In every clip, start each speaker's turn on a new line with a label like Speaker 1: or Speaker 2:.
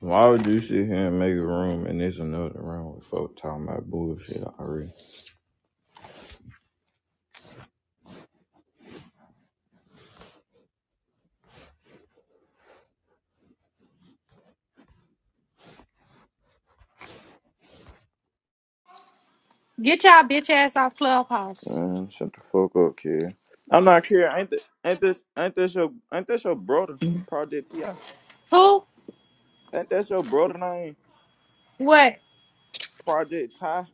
Speaker 1: Why would you sit here and make a room and there's another room with folk talking about bullshit already?
Speaker 2: Get y'all bitch ass off Clubhouse.
Speaker 1: Man, shut the fuck up, kid. I'm not kidding. Ain't this ain't this ain't this your ain't this your brother, Project Ti?
Speaker 2: Who?
Speaker 1: Ain't that's your brother name,
Speaker 2: What?
Speaker 1: Project Ty?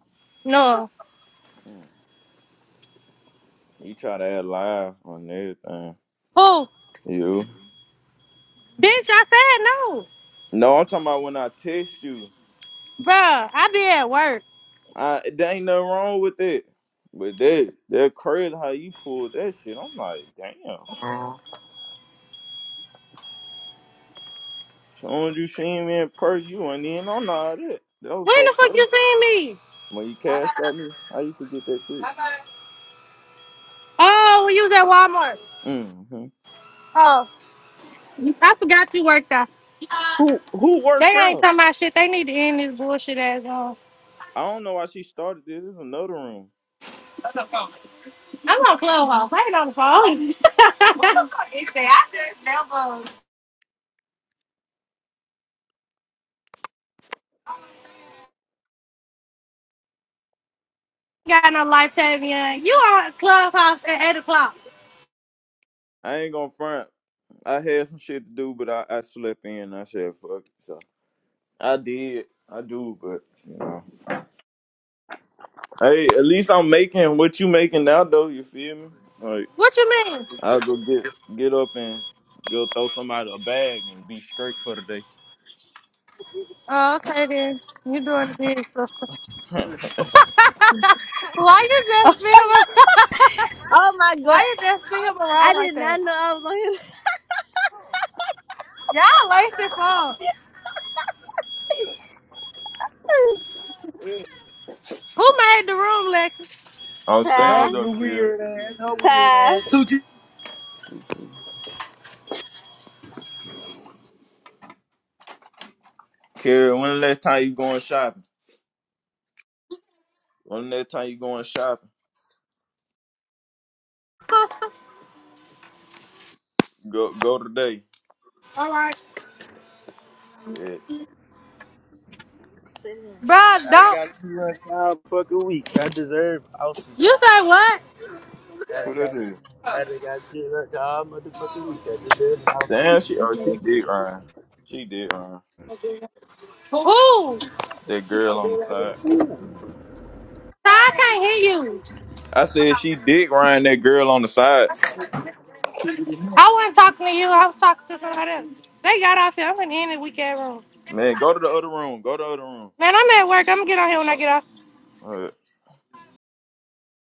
Speaker 2: No.
Speaker 1: Mm. You try to add live on everything.
Speaker 2: Who?
Speaker 1: You?
Speaker 2: Bitch, I said no.
Speaker 1: No, I'm talking about when I text you.
Speaker 2: Bruh, I be at work.
Speaker 1: I there ain't nothing wrong with it, but that that crazy how you pulled that shit. I'm like, damn. Soon as you seen me in person, you went in on all that. That was
Speaker 2: When
Speaker 1: so
Speaker 2: the fuck
Speaker 1: crazy.
Speaker 2: you seen me?
Speaker 1: When you cashed out me, how you forget that quick?
Speaker 2: Oh, when you was at Walmart.
Speaker 1: hmm
Speaker 2: Oh, I forgot you worked out.
Speaker 1: Who who
Speaker 2: They
Speaker 1: worked
Speaker 2: ain't
Speaker 1: out?
Speaker 2: talking about shit. They need to end this bullshit ass on.
Speaker 1: I don't know why she started this. This is another room.
Speaker 2: I'm on Clubhouse. I ain't on the phone. Got no life, Tavian. You on Clubhouse at 8 o'clock.
Speaker 1: I ain't gonna front. I had some shit to do, but I, I slept in. and I said fuck it. So I did. I do, but you know. Hey, at least I'm making what you making now, though. You feel me? Like
Speaker 2: What you mean?
Speaker 1: I'll go get get up and go throw somebody a bag and be straight for the day.
Speaker 2: Oh, okay then. You doing the big sister. Why you just filming?
Speaker 3: Oh my god.
Speaker 2: Why did that see him around
Speaker 3: I
Speaker 2: like
Speaker 3: did not
Speaker 2: that?
Speaker 3: know I was on here.
Speaker 2: Y'all laced it up. Who made the room, Lexus?
Speaker 1: I'm saying
Speaker 3: Ty.
Speaker 1: though, kid.
Speaker 3: Ty.
Speaker 1: Kara, when the last time you going shopping? When the last time you going shopping? Go go today.
Speaker 2: All right.
Speaker 1: Yeah.
Speaker 2: Bro, don't. You say what?
Speaker 1: Who that is? Damn, she oh she did Ryan. She did Ryan.
Speaker 2: Who?
Speaker 1: That girl on the side.
Speaker 2: I can't hear you.
Speaker 1: I said she did Ryan. That girl on the side.
Speaker 2: I wasn't talking to you. I was talking to somebody else. They got off here. I'm going to end the weekend room.
Speaker 1: Man, go to the other room. Go to the other room.
Speaker 2: Man, I'm at work. I'm going to get on here when I
Speaker 1: Oh.
Speaker 2: get off.
Speaker 1: uh,